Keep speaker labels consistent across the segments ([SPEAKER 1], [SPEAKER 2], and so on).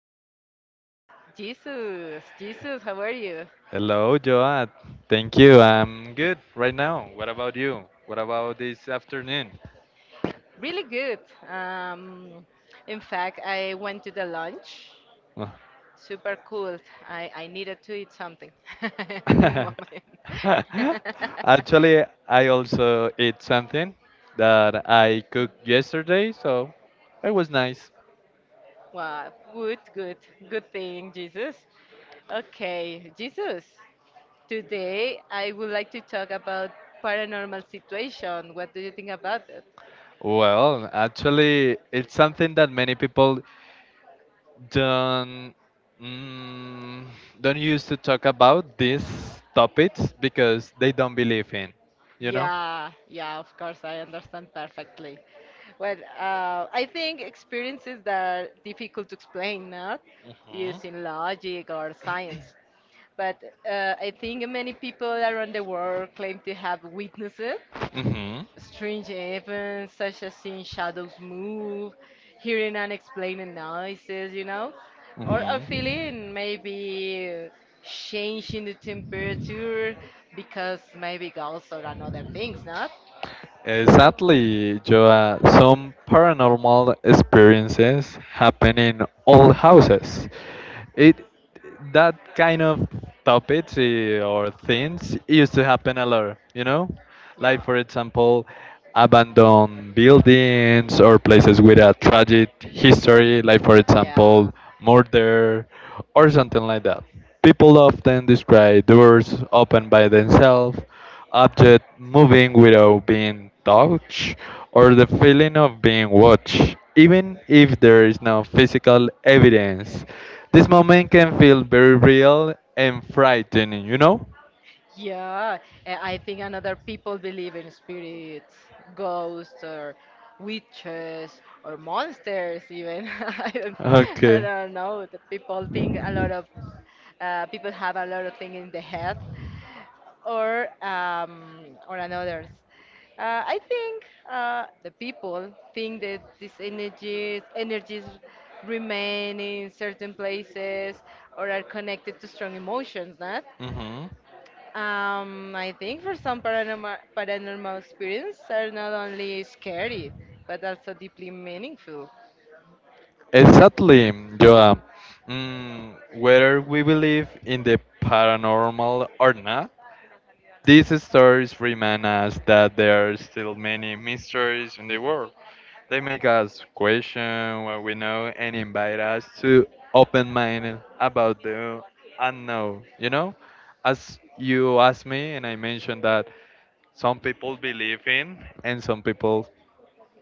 [SPEAKER 1] am with Jesus. Jesus, how are you?
[SPEAKER 2] Hello, Joad. Thank you. I'm good right now. What about you? What about this afternoon?
[SPEAKER 1] Really good. Um, in fact, I went to the lunch.
[SPEAKER 2] Oh.
[SPEAKER 1] Super cool. I needed to eat something in the moment.
[SPEAKER 2] Actually, I also ate something that I cooked yesterday, so it was nice.
[SPEAKER 1] Wow, good thing, Jesus. Okay, Jesus. Today, I would like to talk about paranormal situation. What do you think about it?
[SPEAKER 2] Well, actually, it's something that many people don't mm, don't used to talk about these topics because they don't believe in, you know.
[SPEAKER 1] Yeah, yeah, of course, I understand perfectly. Well, I think experiences that are difficult to explain, not
[SPEAKER 2] Hmm.
[SPEAKER 1] using logic or science. But I think many people around the world claim to have witnessed it, strange events, such as seeing shadows move, hearing unexplained noises, or
[SPEAKER 2] Hmm.
[SPEAKER 1] feeling maybe change in the temperature because maybe ghosts or
[SPEAKER 2] Hmm.
[SPEAKER 1] another things, not?
[SPEAKER 2] Exactly, Joa. Some paranormal experiences happen in old houses. It that kind of topics or things used to happen a lot, you know? Like
[SPEAKER 1] Yeah.
[SPEAKER 2] for example, abandoned buildings or places with a tragic history, like for
[SPEAKER 1] Yeah.
[SPEAKER 2] example, murder or something like that. People often describe doors open by themselves, objects moving without being touched, or the feeling of being watched, even if there is no physical evidence. This moment can feel very real and frightening, you know?
[SPEAKER 1] Yeah, I think another people believe in spirits, ghosts, or witches, or monsters. Even I don't, I
[SPEAKER 2] Okay.
[SPEAKER 1] don't know. The people think a lot of people have a lot of things in the head, or um, or another. I think the people think that these energies remain in certain places or are connected to strong emotions, not?
[SPEAKER 2] Hmm.
[SPEAKER 1] I think for some paranormal experiences are not only scary but also deeply meaningful.
[SPEAKER 2] Exactly, Joa. Whether we believe in the paranormal or not, these stories remind us that there are still many mysteries in the world. They make us question what we know and invite us to open mind about the unknown. You know, as you asked me, and I mentioned that some people believe in and some people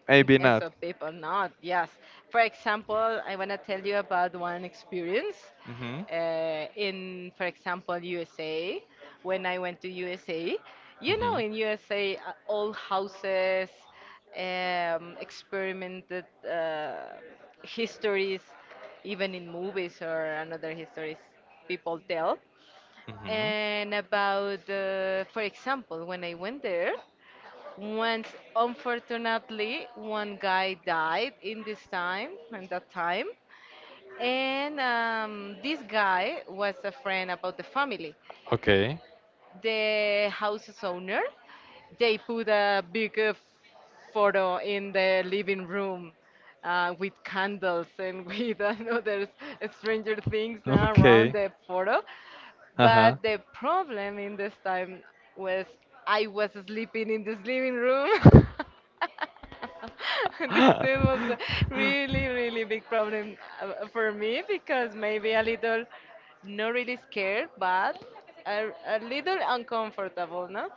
[SPEAKER 2] maybe
[SPEAKER 1] So
[SPEAKER 2] not.
[SPEAKER 1] people not, yes. For example, I want to tell you about one experience
[SPEAKER 2] Hmm.
[SPEAKER 1] in, for example, USA. When I went to USA,
[SPEAKER 2] Hmm.
[SPEAKER 1] in USA, all houses experimented histories, even in movies or another histories people tell.
[SPEAKER 2] Hmm.
[SPEAKER 1] And about, for example, when I went there, once, unfortunately, one guy died in this time, in that time. And this guy was a friend about the family.
[SPEAKER 2] Okay.
[SPEAKER 1] The house's owner, they put a big photo in the living room with candles and with another stranger things now around
[SPEAKER 2] Okay.
[SPEAKER 1] the photo.
[SPEAKER 2] Uh huh.
[SPEAKER 1] But the problem in this time was I was sleeping in this living room. this it was a really, really big problem for me because maybe a little, not really scared, but a little uncomfortable, no?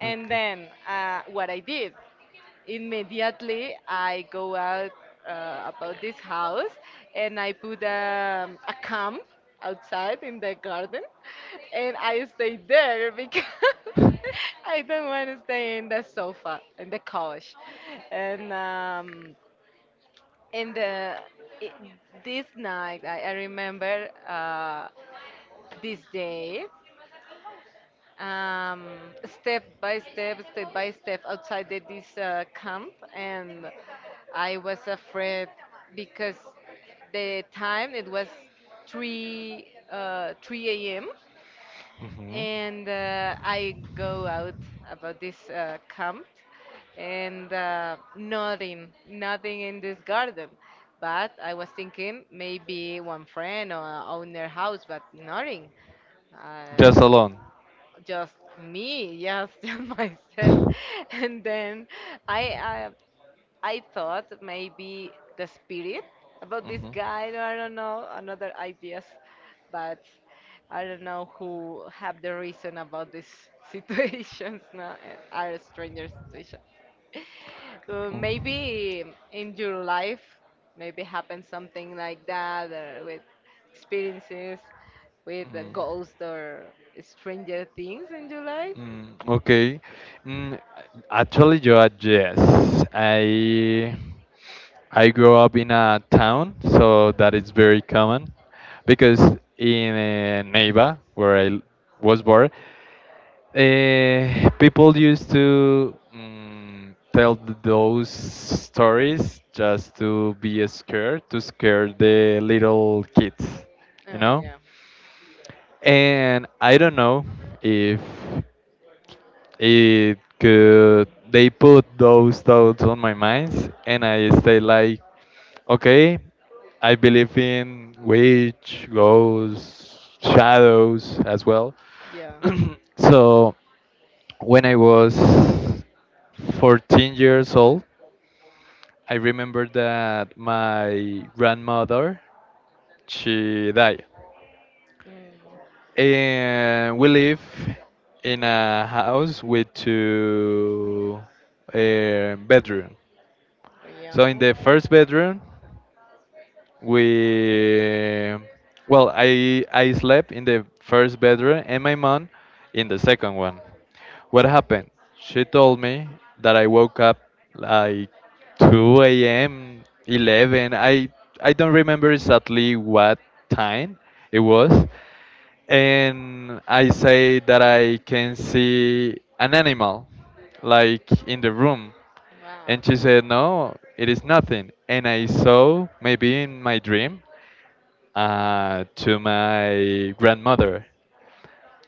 [SPEAKER 1] And
[SPEAKER 2] okay.
[SPEAKER 1] then what I did. Immediately, I go out about this house and I put a camp outside in the garden and I stay there because I don't want to stay in the sofa, in the couch. And in the I this night, I remember this day um, step by step outside this camp, and I was afraid because the time it was 3 3 a.m.
[SPEAKER 2] Hmm.
[SPEAKER 1] and I go out about this camp and nothing in this garden. But I was thinking maybe one friend or own their house, but nothing. Um,
[SPEAKER 2] Just alone.
[SPEAKER 1] just me, yes, just myself. And then I, I I thought maybe the spirit about this guy. I don't know another ideas, but I don't know who have the reason about these situations. No, are stranger situation.
[SPEAKER 2] Mm.
[SPEAKER 1] Maybe in your life, maybe happened something like that or with experiences with a
[SPEAKER 2] Mm.
[SPEAKER 1] ghost or stranger things in your life.
[SPEAKER 2] Mm, okay. Mm, actually, you are yes. I I grew up in a town, so that is very common, because in Neiva, where was born, people used to tell those stories just to be scared, to scare the little kids, you
[SPEAKER 1] Oh
[SPEAKER 2] know?
[SPEAKER 1] yeah,
[SPEAKER 2] And I don't know if it could, they put those thoughts on my mind, and I stay like, okay, I believe in witch, ghosts, shadows as well.
[SPEAKER 1] yeah,
[SPEAKER 2] So when I was 14 years old, I remember that my grandmother she died.
[SPEAKER 1] mm,
[SPEAKER 2] And we live in a house with two bedroom.
[SPEAKER 1] yeah.
[SPEAKER 2] So in the
[SPEAKER 1] Okay.
[SPEAKER 2] first bedroom we well I slept in the first bedroom and my mom in the second one. What happened, she told me that I woke up like 2 a.m, 11, I don't remember exactly what time it was. And I say that I can see an animal like in the room, and
[SPEAKER 1] Wow.
[SPEAKER 2] she said no, it is nothing, and I saw maybe in my dream to my grandmother.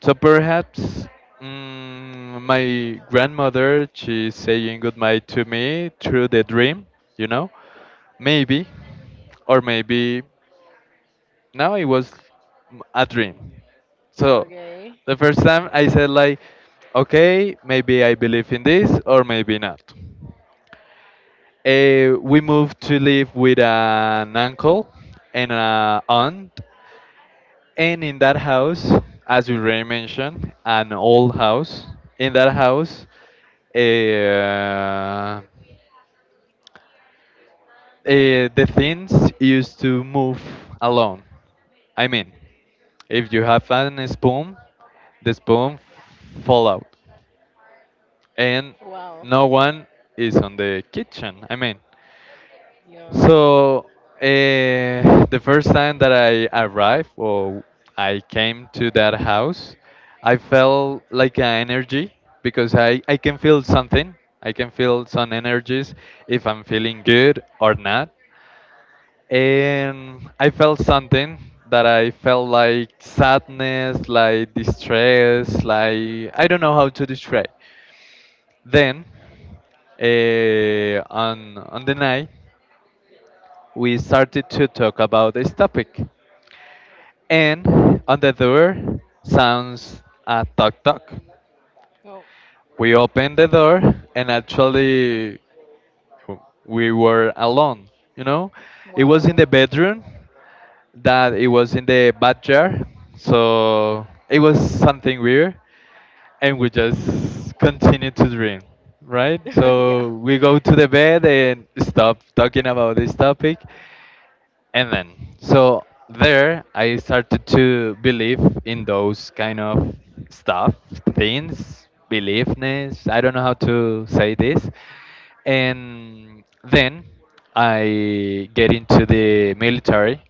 [SPEAKER 2] So perhaps, my grandmother, she's saying goodbye to me through the dream, you know? Maybe, or maybe now it was a dream. So
[SPEAKER 1] Okay.
[SPEAKER 2] the first time I said, like, okay, maybe I believe in this, or maybe not. We moved to live with an uncle and an aunt. And in that house, as you already mentioned, an old house. In that house, uh, uh, the things used to move alone. I mean, if you have an spoon, the spoon fall out, and
[SPEAKER 1] Wow.
[SPEAKER 2] no one is on the kitchen. I mean,
[SPEAKER 1] Yeah.
[SPEAKER 2] so the first time that I arrived or I came to that house, I felt like an energy because I can feel something. I can feel some energies if I'm feeling good or not. And I felt something that I felt like sadness, like distress, like I don't know how to describe. Then on the night we started to talk about this topic. And on the door sounds a knock knock.
[SPEAKER 1] Oh.
[SPEAKER 2] We opened the door and actually we were alone, you know? It was in
[SPEAKER 1] Wow.
[SPEAKER 2] the bedroom that it was in the backyard. So it was something weird and we just continue to dream, right?
[SPEAKER 1] Yeah.
[SPEAKER 2] So we go to the bed and stop talking about this topic. And then, so there I started to believe in those kind of stuff, things, beliefness. I don't know how to say this. And then I get into the military.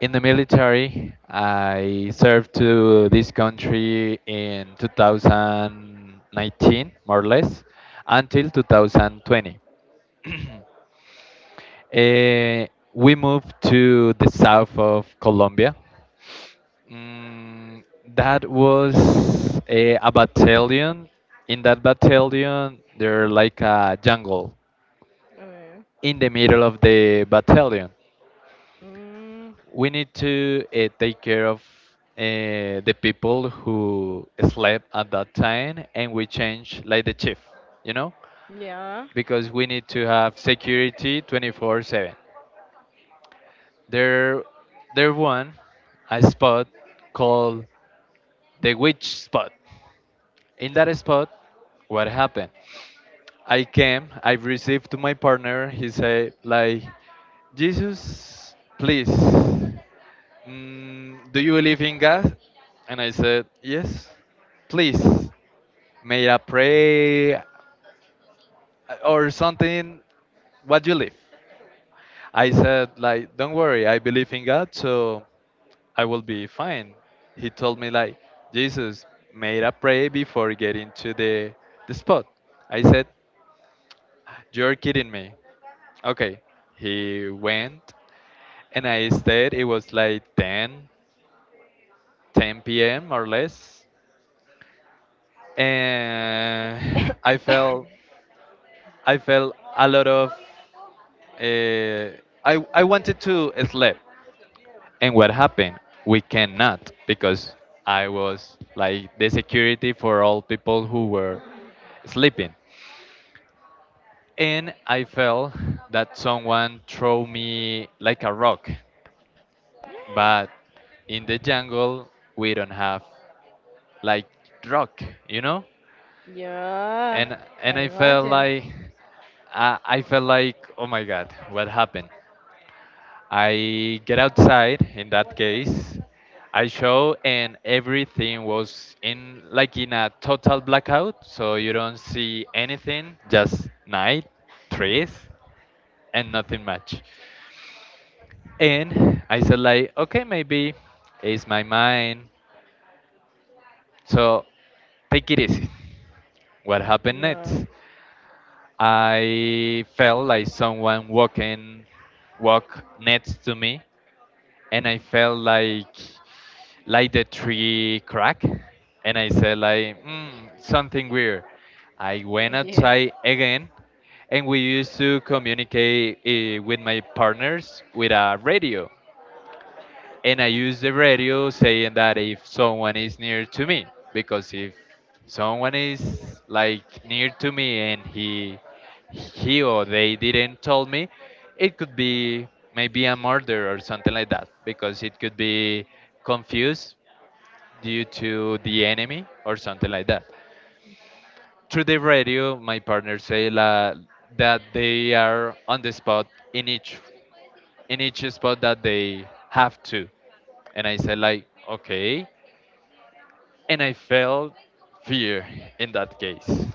[SPEAKER 2] In the military, I served to this country in 2019, more or less, until 2020. Eh, we moved to the south of Colombia. Mm, that was a battalion. In that battalion, they're like a jungle
[SPEAKER 1] Uh,
[SPEAKER 2] in the middle of the battalion.
[SPEAKER 1] mm,
[SPEAKER 2] We need to take care of the people who slept at that time, and we change like the chief, you know,
[SPEAKER 1] yeah.
[SPEAKER 2] because we need to have security 24/7. There, there won a spot called the witch spot. In that spot, what happened? I came. I received to my partner. He said like, Jesus, please, do you believe in God? And I said yes. Please, may I pray or something? What you believe? I said like, don't worry, I believe in God, so I will be fine. He told me like, Jesus, made a prayer before getting to the spot. I said, "You're kidding me. Okay." He went and I stayed. It was like 10, 10 p.m. or less. And I felt, I felt a lot of uh, I wanted to sleep. And what happened? We cannot because I was like the security for all people who were sleeping. And I felt that someone threw me like a rock. But in the jungle, we don't have like rock, you know?
[SPEAKER 1] Yeah.
[SPEAKER 2] And
[SPEAKER 1] I
[SPEAKER 2] I felt
[SPEAKER 1] imagine.
[SPEAKER 2] like I felt like, oh my god, what happened? I get outside in that case. I show and everything was in like in a total blackout, so you don't see anything, just night, trees, and nothing much. And I said like, okay, maybe it's my mind. So take it easy. What happened
[SPEAKER 1] Yeah.
[SPEAKER 2] next? I felt like someone walk next to me and I felt like the tree crack and I said like something weird. I went
[SPEAKER 1] Yeah.
[SPEAKER 2] outside again and we used to communicate with my partners with a radio, and I use the radio saying that if someone is near to me, because if someone is like near to me and he or they didn't tell me, it could be maybe a murder or something like that, because it could be confused due to the enemy or something like that. Through the radio, my partner say la, that they are on the spot in each in each spot that they have to, and I said like okay. And I felt fear in that case.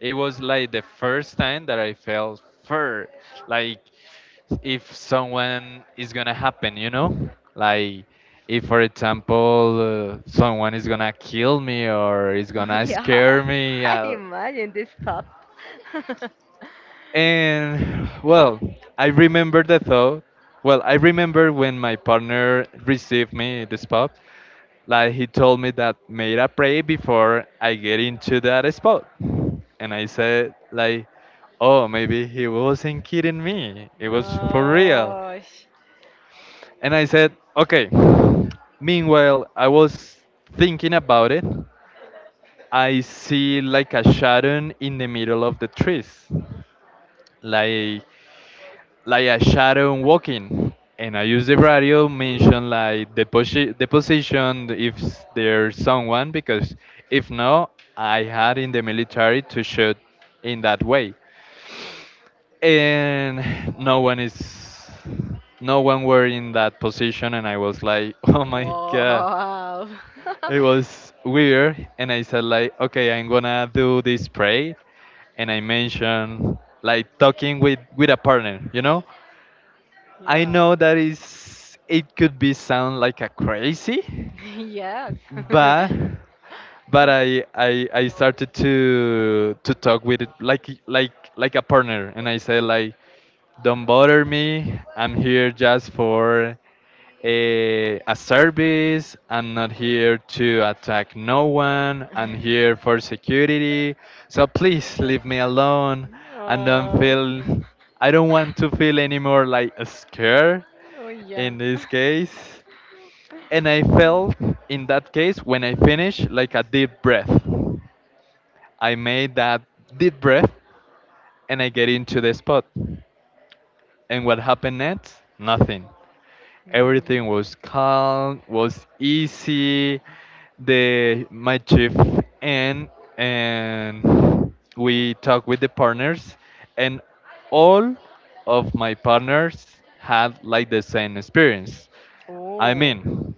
[SPEAKER 2] It was like the first time that I felt fear, like if someone is gonna happen, you know, like if, for example, someone is gonna kill me or is
[SPEAKER 1] Oh,
[SPEAKER 2] gonna
[SPEAKER 1] yeah.
[SPEAKER 2] scare me.
[SPEAKER 1] I
[SPEAKER 2] I'll...
[SPEAKER 1] imagine this top.
[SPEAKER 2] And well, I remember the thought. Well, I remember when my partner received me at the spot. Like he told me that made a pray before I get into that spot. And I said like, "Oh, maybe he wasn't kidding me. It was for real."
[SPEAKER 1] No.
[SPEAKER 2] And I said, "Okay." Meanwhile, I was thinking about it. I see like a shadow in the middle of the trees, like like a shadow walking. And I use the radio mention like the the position if there's someone because if no, I had in the military to shoot in that way. And no one were in that position and I was like oh my god,
[SPEAKER 1] Wow.
[SPEAKER 2] it was weird, and I said like okay, I'm gonna do this pray. And I mentioned like talking with a partner, you know. I
[SPEAKER 1] Yeah.
[SPEAKER 2] know that is, it could be sound like a crazy,
[SPEAKER 1] Yes.
[SPEAKER 2] but I started to talk with it like like a partner, and I said like, don't bother me. I'm here just for a service. I'm not here to attack no one. I'm here for security. So please leave me alone. And don't
[SPEAKER 1] Oh.
[SPEAKER 2] feel. I don't want to feel anymore like scared
[SPEAKER 1] Oh yeah.
[SPEAKER 2] in this case. And I felt, in that case, when I finished, like a deep breath. I made that deep breath and I get into the spot. And what happened next? Nothing.
[SPEAKER 1] Mm.
[SPEAKER 2] Everything was calm, was easy. The My chief and we talked with the partners and all of my partners had like the same experience. I
[SPEAKER 1] Oh.
[SPEAKER 2] mean,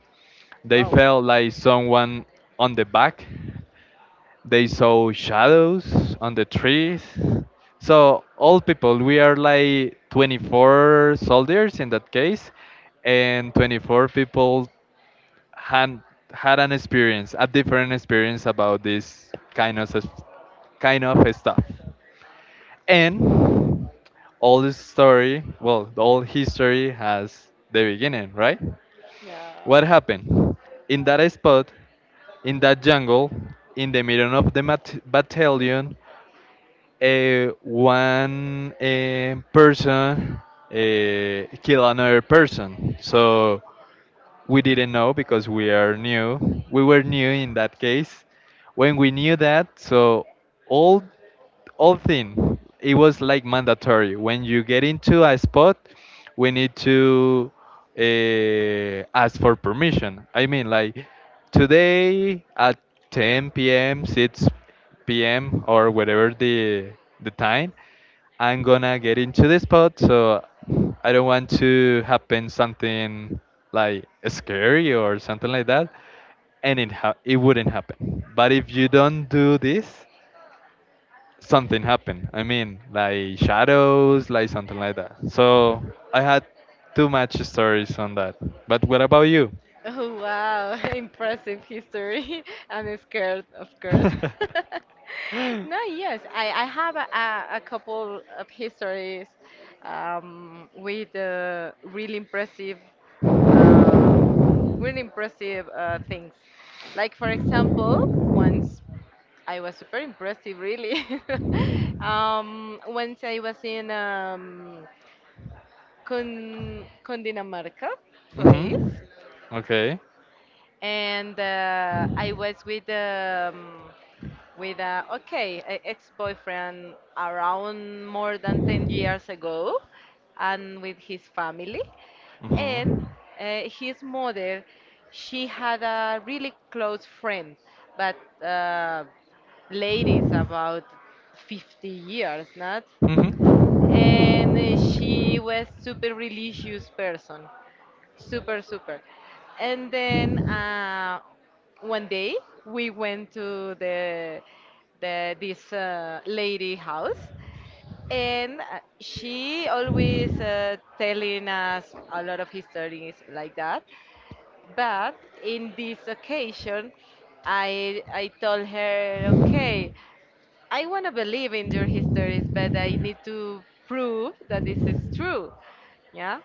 [SPEAKER 2] they
[SPEAKER 1] Wow.
[SPEAKER 2] felt like someone on the back. They saw shadows on the trees. So, old people, we are like 24 soldiers in that case, and 24 people had had an experience, a different experience about this kind of kind of stuff. And all this story, well, the whole history has the beginning, right?
[SPEAKER 1] Yeah.
[SPEAKER 2] What happened? In that spot, in that jungle, in the middle of the battalion, one person kill another person. So we didn't know because we are new. We were new in that case. When we knew that, so all all thing. It was like mandatory. When you get into a spot, we need to ask for permission. I mean, like today at 10 p.m., 6 p.m., or whatever the time, I'm gonna get into the spot. So I don't want to happen something like scary or something like that, and it wouldn't happen. But if you don't do this, something happened. I mean, like shadows, like something like that. So I had too much stories on that. But what about you?
[SPEAKER 1] Oh wow, impressive history. I'm scared, of course.
[SPEAKER 2] Mhm.
[SPEAKER 1] No, yes, I have a couple of histories with um, really impressive things. Like for example, once I was super impressive, really. Once I was in Con Cundinamarca place,
[SPEAKER 2] Okay.
[SPEAKER 1] and I was with with a ex-boyfriend around more than 10 years ago and with his family and
[SPEAKER 2] Mhm.
[SPEAKER 1] his mother she had a really close friend but uh, ladies about 50 years not
[SPEAKER 2] Mhm.
[SPEAKER 1] and she was super religious person super and then one day we went to the this lady house and she always telling us a lot of histories like that but in this occasion I told her okay I want to believe in your histories, but I need to prove that this is true. Yeah.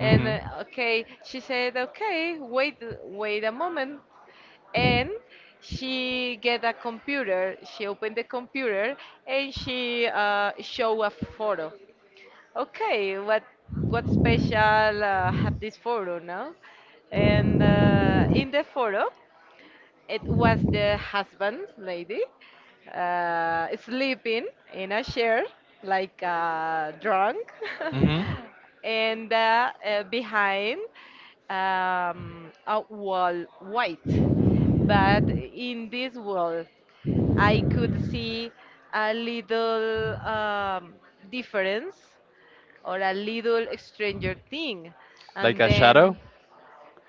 [SPEAKER 1] And okay, she said, okay, wait, wait a moment. And she get a computer. She opened the computer and she show a photo. Okay, what special have this photo now? And in the photo, it was the husband lady sleeping in a chair like drunk,
[SPEAKER 2] Mhm.
[SPEAKER 1] and behind a wall white. But in this wall, I could see a little difference or a little stranger thing,
[SPEAKER 2] Like
[SPEAKER 1] and
[SPEAKER 2] a shadow?
[SPEAKER 1] then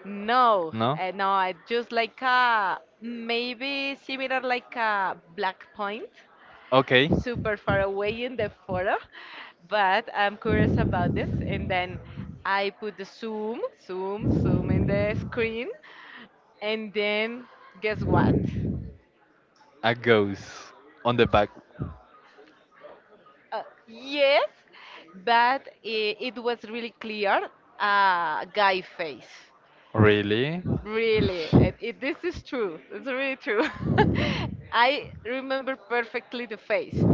[SPEAKER 1] no,
[SPEAKER 2] No.
[SPEAKER 1] uh, no, I just like a maybe similar like a black point,
[SPEAKER 2] Okay.
[SPEAKER 1] super far away in the photo, but I'm curious about this. And then I put the zoom, zoom, zoom in the screen, and then guess what?
[SPEAKER 2] A ghost on the back.
[SPEAKER 1] Yes, but it was really clear, a guy face.
[SPEAKER 2] Really?
[SPEAKER 1] Really,
[SPEAKER 2] Mhm.
[SPEAKER 1] this is true. It's really true. I remember perfectly the face,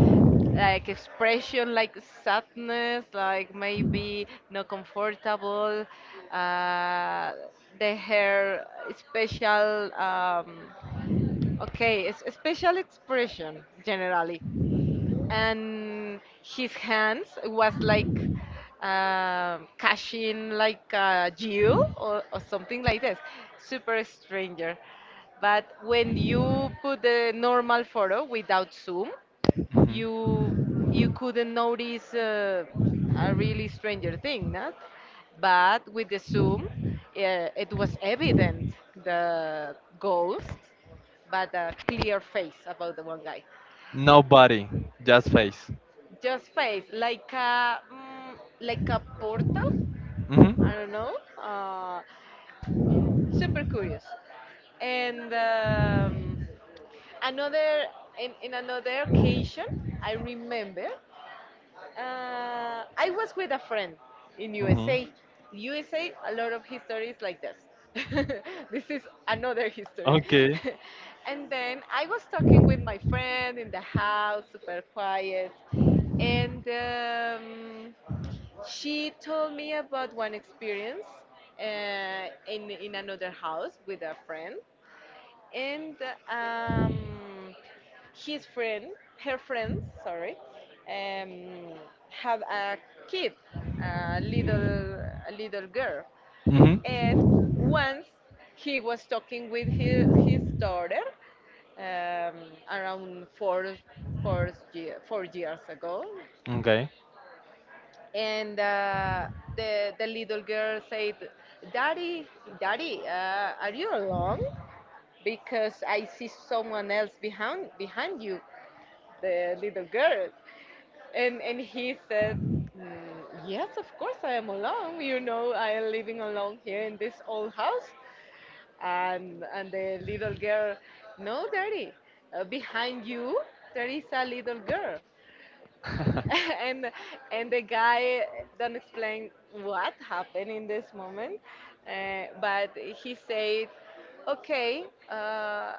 [SPEAKER 1] like expression, like sadness, like maybe not comfortable. Uh, the hair, special. Okay, it's a special expression generally and his hands was like cashing like a jewel or something like this super stranger but when you put the normal photo without zoom you you couldn't notice a really stranger thing not but with the zoom it was evident the ghost but a clear face about the one guy
[SPEAKER 2] Nobody. Just face.
[SPEAKER 1] just face, like a portal.
[SPEAKER 2] Mhm.
[SPEAKER 1] I don't know. Uh, super curious. And another in another occasion, I remember I was with a friend in
[SPEAKER 2] Mhm.
[SPEAKER 1] USA. USA, a USA, a lot of history is like this. this is another history.
[SPEAKER 2] Okay.
[SPEAKER 1] and then I was talking with my friend in the house, super quiet, and she told me about one experience in another house with a friend, and um, his friend, her friends, sorry, um, had a kid, a little, a little girl,
[SPEAKER 2] Mhm.
[SPEAKER 1] and once he was talking with his daughter um, around four, four years ago,
[SPEAKER 2] Okay.
[SPEAKER 1] and the little girl said, "Daddy, Daddy, are you alone? Because I see someone else behind you," the little girl. And he said, "Mm, yes, of course I am alone. You know, I am living alone here in this old house." And the little girl, "No, daddy, behind you there is a little girl."
[SPEAKER 2] And the guy.
[SPEAKER 1] and and the guy don't explain what happened in this moment, but he said, "Okay,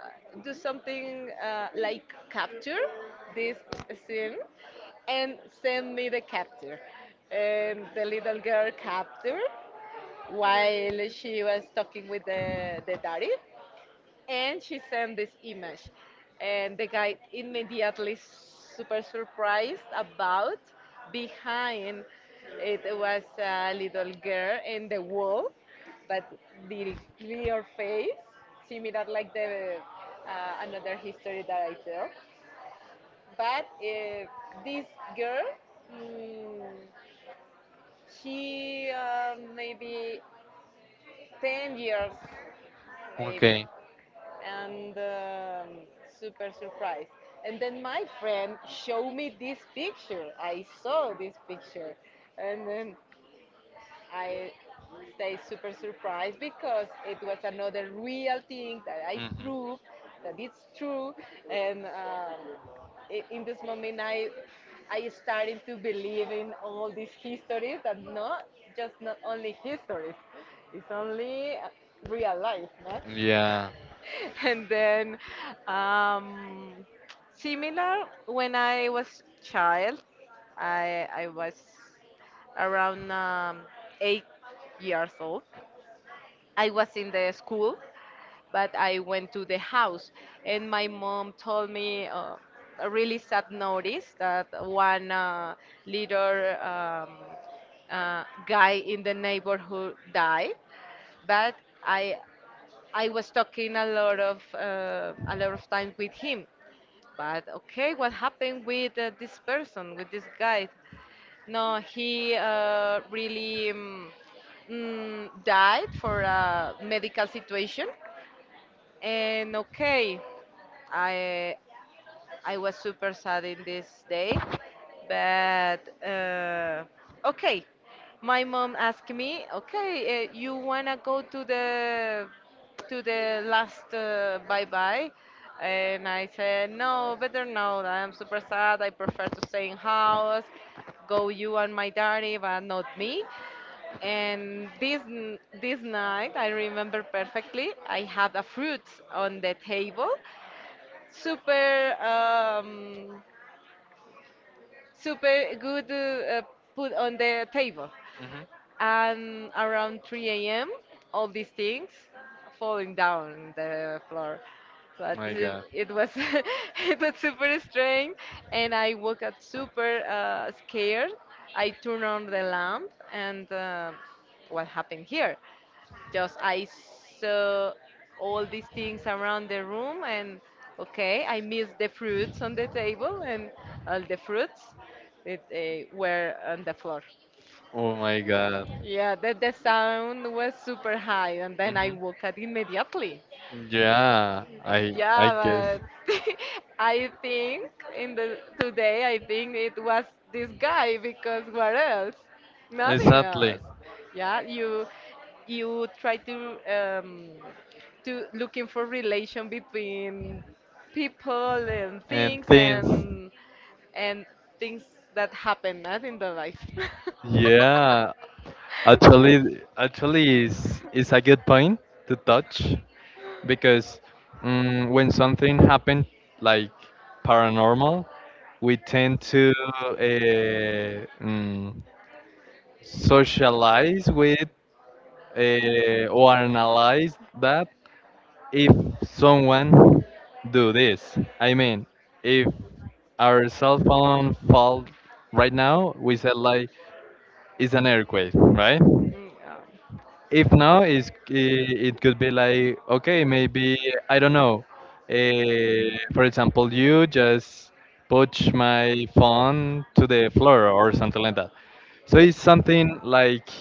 [SPEAKER 1] do something like capture this scene and send me the capture." And the little girl captured while she was talking with the daddy and she sent this image and the guy immediately super surprised about behind it was a little girl in the wall but the clear face similar like the another history that I tell but this girl mm, she maybe 10 years maybe.
[SPEAKER 2] Okay.
[SPEAKER 1] And super surprised. And then my friend showed me this picture. I saw this picture. And then I stay super surprised because it was another real thing that I
[SPEAKER 2] Mhm.
[SPEAKER 1] proved that it's true. And in this moment, I started to believe in all these histories that not just not only histories, it's only real life, no?
[SPEAKER 2] Yeah.
[SPEAKER 1] and then um, similar when I was child, I was around 8 years old. I was in the school, but I went to the house, and my mom told me a really sad notice that one little guy in the neighborhood died. But I I was talking a lot of time with him. But okay, what happened with this person, with this guy? No, he really died for a medical situation. And okay, I I was super sad in this day, but uh, okay. My mom asked me, "Okay, you wanna go to the last bye bye?" And I said, "No, better no. I'm super sad. I prefer to stay in house. Go you and my daddy, but not me." And this this night, I remember perfectly. I had a fruit on the table, super um, super good put on the table
[SPEAKER 2] Mhm.
[SPEAKER 1] and around 3 a.m. all these things falling down the floor but
[SPEAKER 2] My God.
[SPEAKER 1] it was it was super strange and I woke up super scared I turned on the lamp and what happened here just I saw all these things around the room and okay, I missed the fruits on the table and all the fruits it, were on the floor.
[SPEAKER 2] Oh my God.
[SPEAKER 1] Yeah, the sound was super high and then I
[SPEAKER 2] Hmm.
[SPEAKER 1] woke up immediately.
[SPEAKER 2] Yeah, I
[SPEAKER 1] Yeah,
[SPEAKER 2] guess
[SPEAKER 1] but I think in the today I think it was this guy because what else? Nothing
[SPEAKER 2] exactly.
[SPEAKER 1] else. Yeah, you try to looking for relation between people and
[SPEAKER 2] And
[SPEAKER 1] things
[SPEAKER 2] things,
[SPEAKER 1] and things that happen not in the life.
[SPEAKER 2] yeah.
[SPEAKER 1] Yeah.
[SPEAKER 2] Actually, is a good point to touch because when something happen like paranormal, we tend to uh, mm, socialize with, or analyze that if someone do this. I mean, if our cell phone fall right now, we said like it's an earthquake, right?
[SPEAKER 1] Mm,
[SPEAKER 2] If now is, it could be like okay, maybe I don't know. For example, you just push my phone to the floor or something like that. So it's something like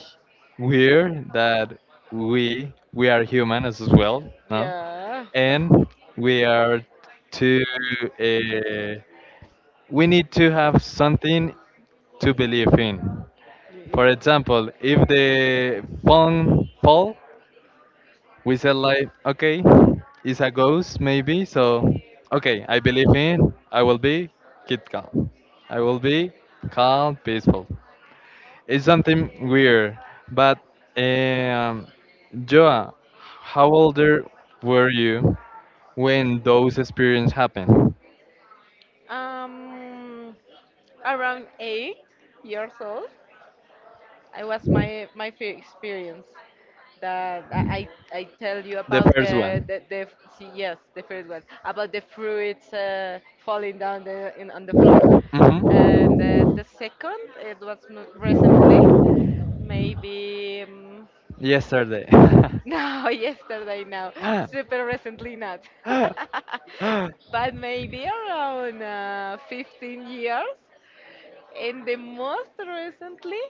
[SPEAKER 2] weird that we are human as well, no?
[SPEAKER 1] yeah.
[SPEAKER 2] And we are to, uh, we need to have something to believe in. For example, if the phone fall, we said like, okay, it's a ghost maybe, so okay, I believe in, I will be keep calm. I will be calm, peaceful. It's something weird, but um, Joa, how older were you when those experiences happened?
[SPEAKER 1] Um, around 8 years old, I was my first experience that I tell you
[SPEAKER 2] The
[SPEAKER 1] about
[SPEAKER 2] first one.
[SPEAKER 1] the see, yes the first one about the fruits falling down the in on the floor,
[SPEAKER 2] Hmm.
[SPEAKER 1] and the second it was recently, maybe.
[SPEAKER 2] Yesterday.
[SPEAKER 1] No, yesterday, no. Super recently, not. But maybe around 15 years. And the most recently,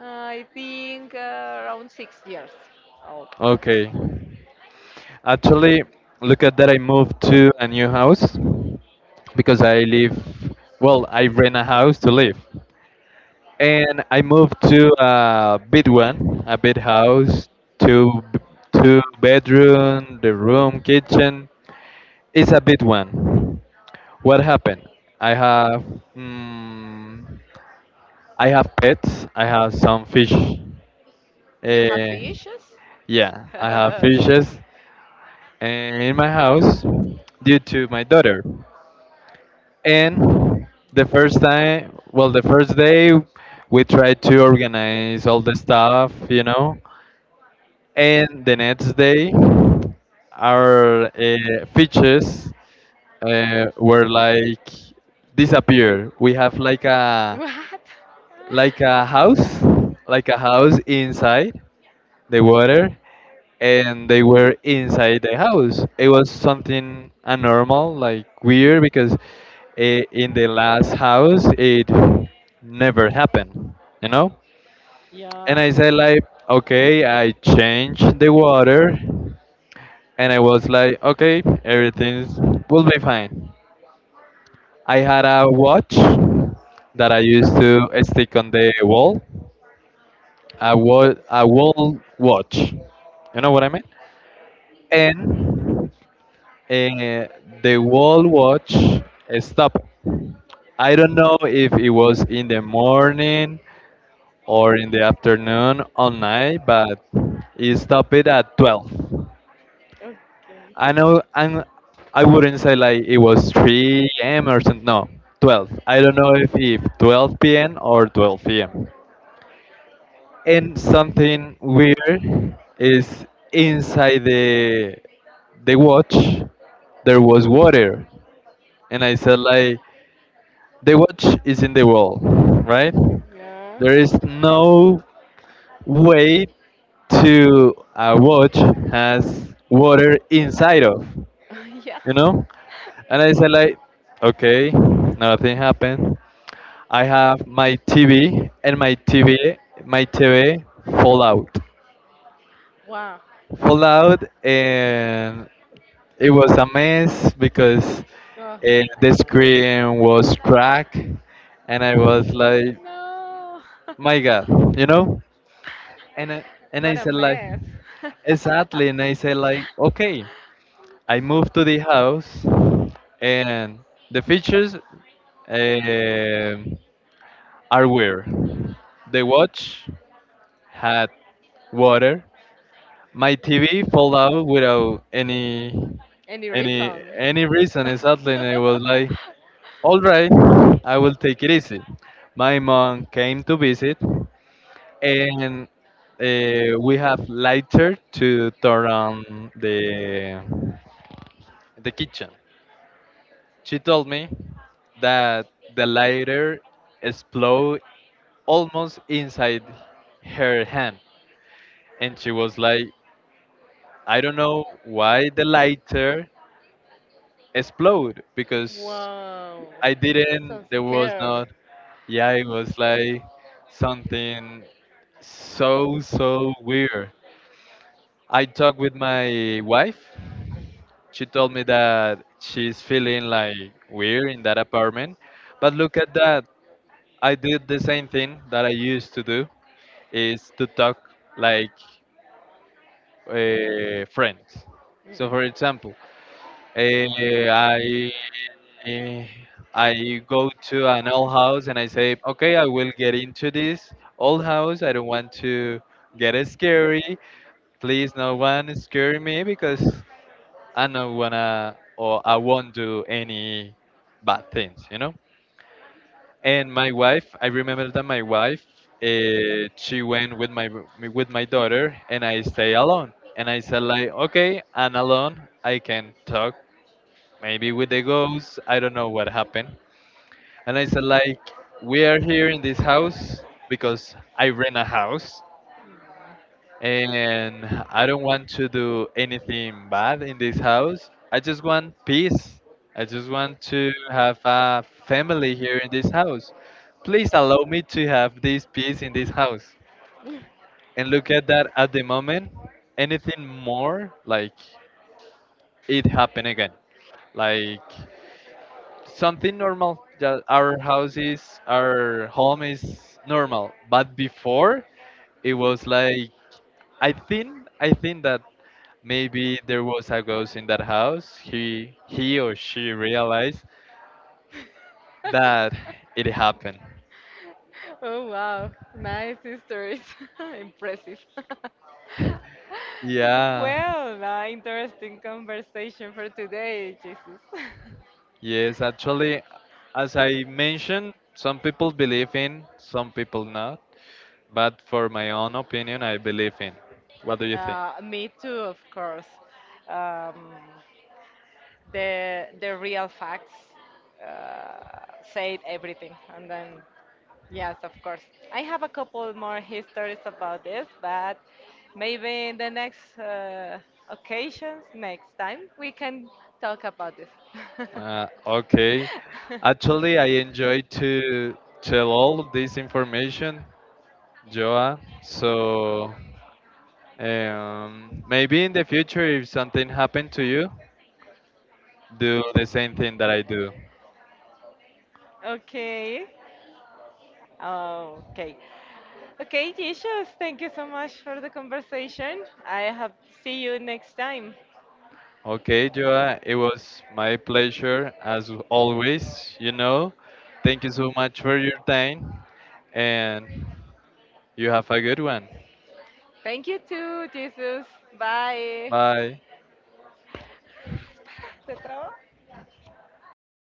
[SPEAKER 1] I think around 6 years old.
[SPEAKER 2] Okay. Actually, look at that. I moved to a new house because I live, well, I rent a house to live. And I moved to a big one, a big house, two, b- two bedroom, the room, kitchen. It's a big one. What happened? I have, mm, I have pets. I have some fish.
[SPEAKER 1] You have
[SPEAKER 2] Eh,
[SPEAKER 1] fishes?
[SPEAKER 2] yeah, I have fishes, eh, in my house due to my daughter. And the first time, well, the first day, we tried to organize all the stuff, you know. And the next day, our, features, were like disappear. We have
[SPEAKER 1] What?
[SPEAKER 2] like a house, like a house inside the water, and they were inside the house. It was something abnormal, like weird, because eh, in the last house it never happened, you know. And
[SPEAKER 1] Yeah.
[SPEAKER 2] I said like, okay, I changed the water, and I was like, okay, everything will be fine. I had a watch that I used to stick on the wall, a wall, a wall watch. You know what I mean? And and the wall watch stopped. I don't know if it was in the morning or in the afternoon or night, but it stopped it at 12.
[SPEAKER 1] Okay.
[SPEAKER 2] I know I'm, I wouldn't say like it was 3 a.m. or something, no, 12. I don't know if 12 p.m. or 12 p.m. And something weird is inside the watch there was water, and I said like, the watch is in the wall, right?
[SPEAKER 1] Yeah.
[SPEAKER 2] There is no way to a watch has water inside of,
[SPEAKER 1] Yeah.
[SPEAKER 2] you know? And I said like, okay, nothing happened. I have my TV and my TV, my TV
[SPEAKER 1] Wow.
[SPEAKER 2] fall out, and it was a mess because,
[SPEAKER 1] Oh, I
[SPEAKER 2] the
[SPEAKER 1] imagine.
[SPEAKER 2] screen was cracked, and I was like,
[SPEAKER 1] Mm, no.
[SPEAKER 2] my god, you know, and I, and I
[SPEAKER 1] What a
[SPEAKER 2] said like
[SPEAKER 1] mess.
[SPEAKER 2] exactly, and I said like okay, I moved to the house and the features, um are weird, the watch had water, my tv fell out without any
[SPEAKER 1] Any reason?
[SPEAKER 2] any reason exactly, and I was like all right, I will take it easy. My mom came to visit, and, we have lighter to turn on the kitchen. She told me that the lighter explode almost inside her hand, and she was like, "I don't know why the lighter explode because
[SPEAKER 1] Wow.
[SPEAKER 2] I didn't.
[SPEAKER 1] So
[SPEAKER 2] There was
[SPEAKER 1] scared.
[SPEAKER 2] not. Yeah, it was like something so so weird." I talked with my wife. She told me that she's feeling like weird in that apartment. But look at that. I did the same thing that I used to do is to talk like, friends.
[SPEAKER 1] Mm.
[SPEAKER 2] So for example, uh, I Eh, I go to an old house and I say, okay, I will get into this old house. I don't want to get scary. Please, no one scare me because I don't wanna or I won't do any bad things, you know. And my wife, I remember that my wife, she went with my daughter, and I stay alone. And I said like, okay, I'm alone. I can talk maybe with the ghosts. I don't know what happened. And I said like, we are here in this house because I rent a house, and I don't want to do anything bad in this house. I just want peace. I just want to have a family here in this house. Please allow me to have this peace in this house. And look at that at the moment, anything more like it happened again. Like something normal that our house is, our home is normal. But before it was like I think that maybe there was a ghost in that house. He or she realized
[SPEAKER 1] Mm.
[SPEAKER 2] that it happened.
[SPEAKER 1] Oh wow, nice stories. Impressive.
[SPEAKER 2] Yeah,
[SPEAKER 1] Well, interesting conversation for today, Jesus.
[SPEAKER 2] yes, actually, as I mentioned, some people believe in, some people not. But for my own opinion, I believe in. What do you think?
[SPEAKER 1] Me too, of course. Um, the real facts said everything, and then yes, of course. I have a couple more histories about this, but maybe in the next occasions, next time, we can talk about this.
[SPEAKER 2] Okay. Actually, I enjoy to tell all this information, Joa. So maybe in the future, if something happened to you, do the same thing that I do.
[SPEAKER 1] Okay. Okay. Okay, Jesus, thank you so much for the conversation. I have see you next time.
[SPEAKER 2] Okay, Joa, it was my pleasure as always, you know. Thank you so much for your time and you have a good one.
[SPEAKER 1] Thank you too, Jesus. Bye.
[SPEAKER 2] Bye.
[SPEAKER 1] Espera, ¿se trabó? Uy,